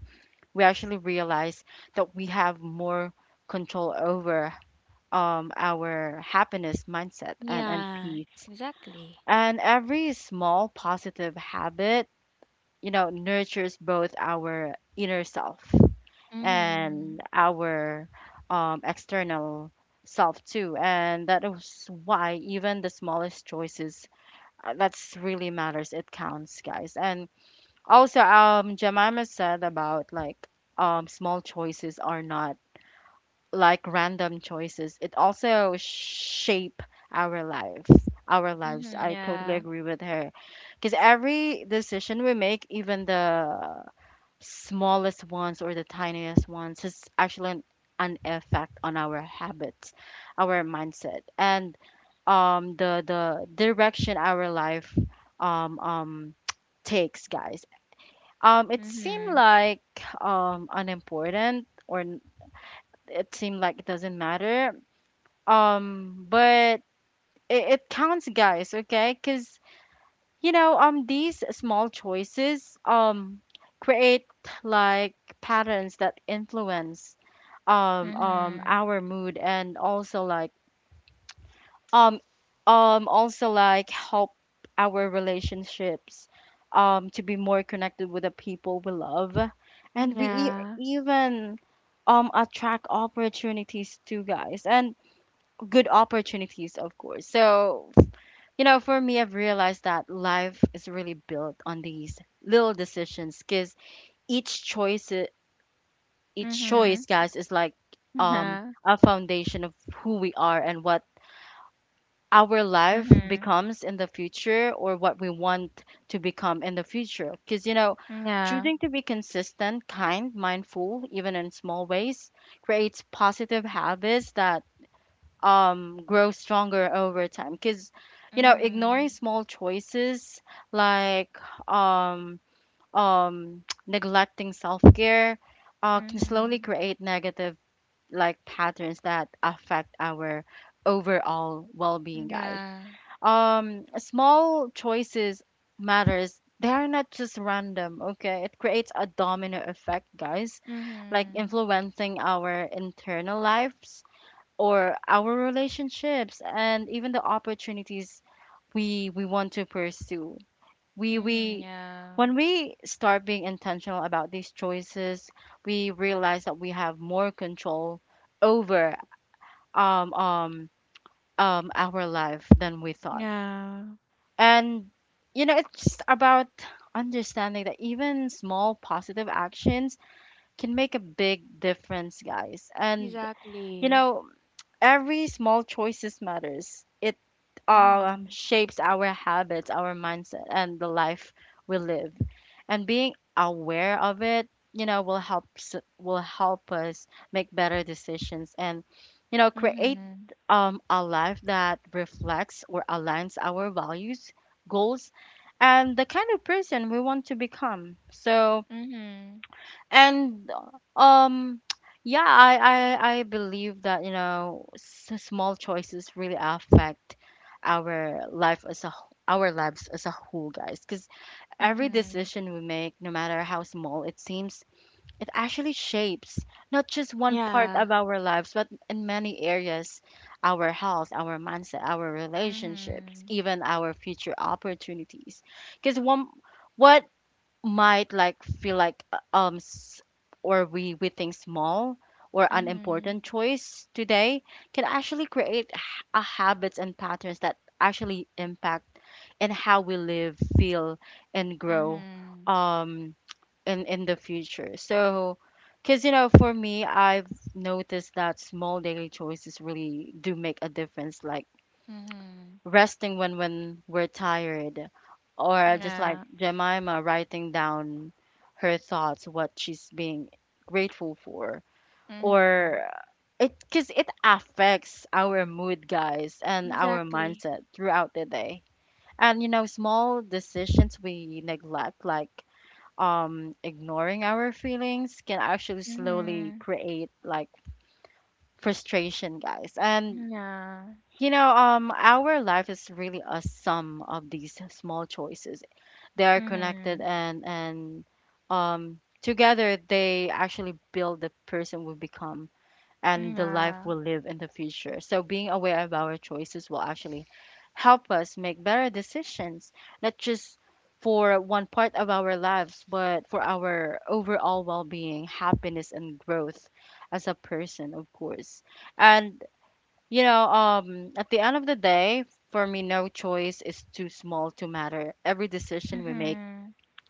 S1: we actually realize that we have more control over our happiness, mindset, and
S2: Yeah,
S1: peace,
S2: exactly.
S1: and every small positive habit, you know, nurtures both our inner self
S2: Mhm.
S1: and our external self too. And that is why even the smallest choices that's really matters. It counts, guys. And also, Jemima said about like small choices are not like random choices. It also shape our life, our lives.
S2: Mhm,
S1: I totally
S2: yeah.
S1: agree with her because every decision we make, even the smallest ones or the tiniest ones has actually an effect on our habits, our mindset, and the direction our life um, um, takes, guys. It seemed
S2: Mhm.
S1: like unimportant, or it seemed like it doesn't matter. But it counts, guys. Okay, because you know these small choices create like patterns that influence
S2: Mhm.
S1: our mood and um also like help our relationships to be more connected with the people we love, and we
S2: Yeah.
S1: even attract opportunities too, guys, and good opportunities, of course. So you know, for me, I've realized that life is really built on these little decisions because each choice, each
S2: Mhm.
S1: choice, guys, is like um,
S2: Yeah.
S1: a foundation of who we are and what our life
S2: Mhm.
S1: becomes in the future or what we want to become in the future. Because, you know,
S2: Yeah.
S1: choosing to be consistent, kind, mindful, even in small ways, creates positive habits that grow stronger over time. Because you know ignoring
S2: Mhm.
S1: small choices like um neglecting self-care can slowly
S2: Mhm.
S1: create negative like patterns that affect our overall well-being, guys.
S2: Yeah.
S1: Small choices matters, they are not just random. Okay, it creates a domino effect, guys, like
S2: Mhm.
S1: influencing our internal lives or our relationships and even the opportunities we want to pursue.
S2: Mhm,
S1: We
S2: yeah.
S1: When we start being intentional about these choices, we realize that we have more control over um um our life than we thought.
S2: Yeah.
S1: And you know, it's just about understanding that even small positive actions can make a big difference, guys. And you
S2: Exactly.
S1: know, every small choices matters. It
S2: Mhm.
S1: shapes our habits, our mindset, and the life we live. And being aware of it, you know, will help will help us make better decisions and, you know, create
S2: Mhm.
S1: a life that reflects or aligns our values, goals, and the kind of person we want to become. So
S2: Mhm.
S1: and um yeah, I believe that you know small choices really affect our life as a our lives as a whole, guys, because every
S2: Mhm.
S1: decision we make, no matter how small it seems, it actually shapes not just one part
S2: Yeah.
S1: of our lives but in many areas: our health, our mindset, our relationships,
S2: Mhm.
S1: even our future opportunities. Because one what might like feel like or we think small or
S2: Mhm.
S1: unimportant choice today can actually create a habits and patterns that actually impact and how we live, feel and grow
S2: Mhm.
S1: um in the future. So because you know for me, I've noticed that small daily choices really do make a difference, like
S2: Mhm.
S1: resting when we're tired, or just
S2: Yeah.
S1: like Jemima, writing down her thoughts what she's being grateful for,
S2: Mhm.
S1: or it, cuz it affects our mood, guys, and our
S2: Exactly.
S1: mindset throughout the day. And you know small decisions we neglect, like ignoring our feelings, can actually slowly
S2: Mhm.
S1: create like frustration, guys. And
S2: Yeah.
S1: you know, our life is really a sum of these small choices. They are
S2: Mhm.
S1: connected, and together they actually build the person we become and the life
S2: Yeah.
S1: we live in the future. So being aware of our choices will actually help us make better decisions, not just for one part of our lives, but for our overall well-being, happiness, and growth as a person, of course. And you know, at the end of the day, for me, no choice is too small to matter. Every decision we make
S2: Mhm.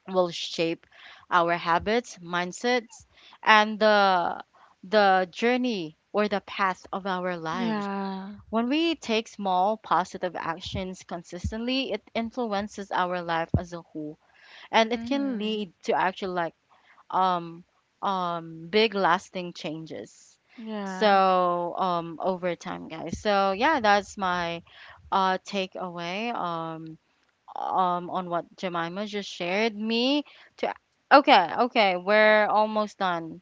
S1: will shape our habits, mindsets, and the journey or the path of our lives.
S2: Yeah.
S1: When we take small positive actions consistently, it influences our life as a whole, and it can
S2: Mhm.
S1: lead to actually like um, big lasting changes.
S2: Yeah.
S1: So over time, guys. So yeah, that's my takeaway on what Jemima just shared. Me to, okay, okay, we're almost done.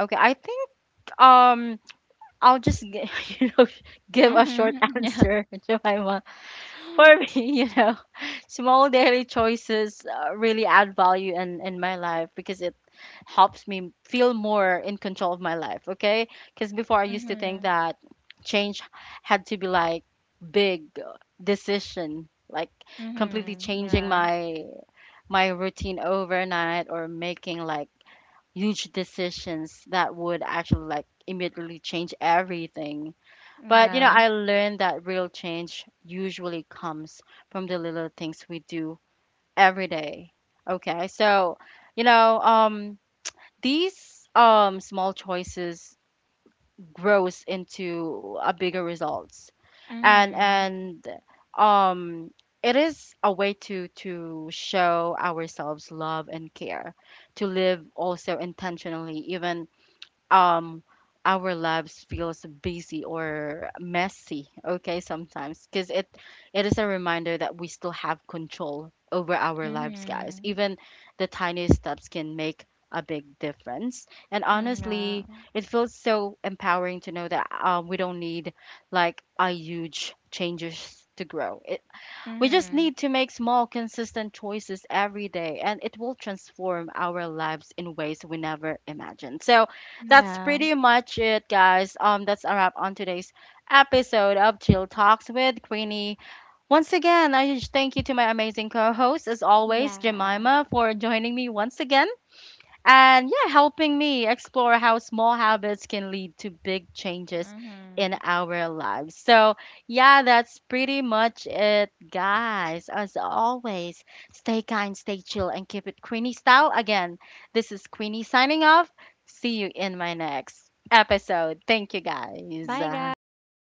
S1: Okay, I think um I'll just you know give a short
S2: Mhm.
S1: answer, Jemima. For me, you know, small daily choices really add value in my life because it helps me feel more in control of my life, okay? Because before
S2: Yeah.
S1: I used to
S2: Mhm.
S1: think that change had to be like big decision, like completely
S2: Mhm.
S1: changing
S2: Yeah.
S1: my my routine overnight or making like huge decisions that would actually like immediately change everything. But you
S2: Yeah.
S1: know, I learned that real change usually comes from the little things we do every day. Okay, so you know, these small choices grows into a bigger results, and
S2: Mhm.
S1: um, it is a way to show ourselves love and care, to live also intentionally, even um our lives feels busy or messy, okay, sometimes, because it is a reminder that we still have control over our lives, guys.
S2: Mhm.
S1: Even the tiniest steps can make a big difference, and
S2: Yeah.
S1: honestly it feels so empowering to know that, we don't need like a huge changes to grow it, we just
S2: Mhm.
S1: need to make small, consistent choices every day, and it will transform our lives in ways we never imagined. So that's
S2: Yeah.
S1: pretty much it, guys. That's a wrap on today's episode of Chill Talks with Queenie. Once again, I just thank you to my amazing co-host, as always,
S2: Yeah.
S1: Jemima, for joining me once again and yeah, helping me explore how small habits can lead to big changes
S2: Mhm.
S1: in our lives. So, yeah, that's pretty much it, guys. As always, stay kind, stay chill, and keep it Queenie style. Again, this is Queenie signing off. See you in my next episode. Thank you,
S2: Bye,
S1: guys.
S2: guys.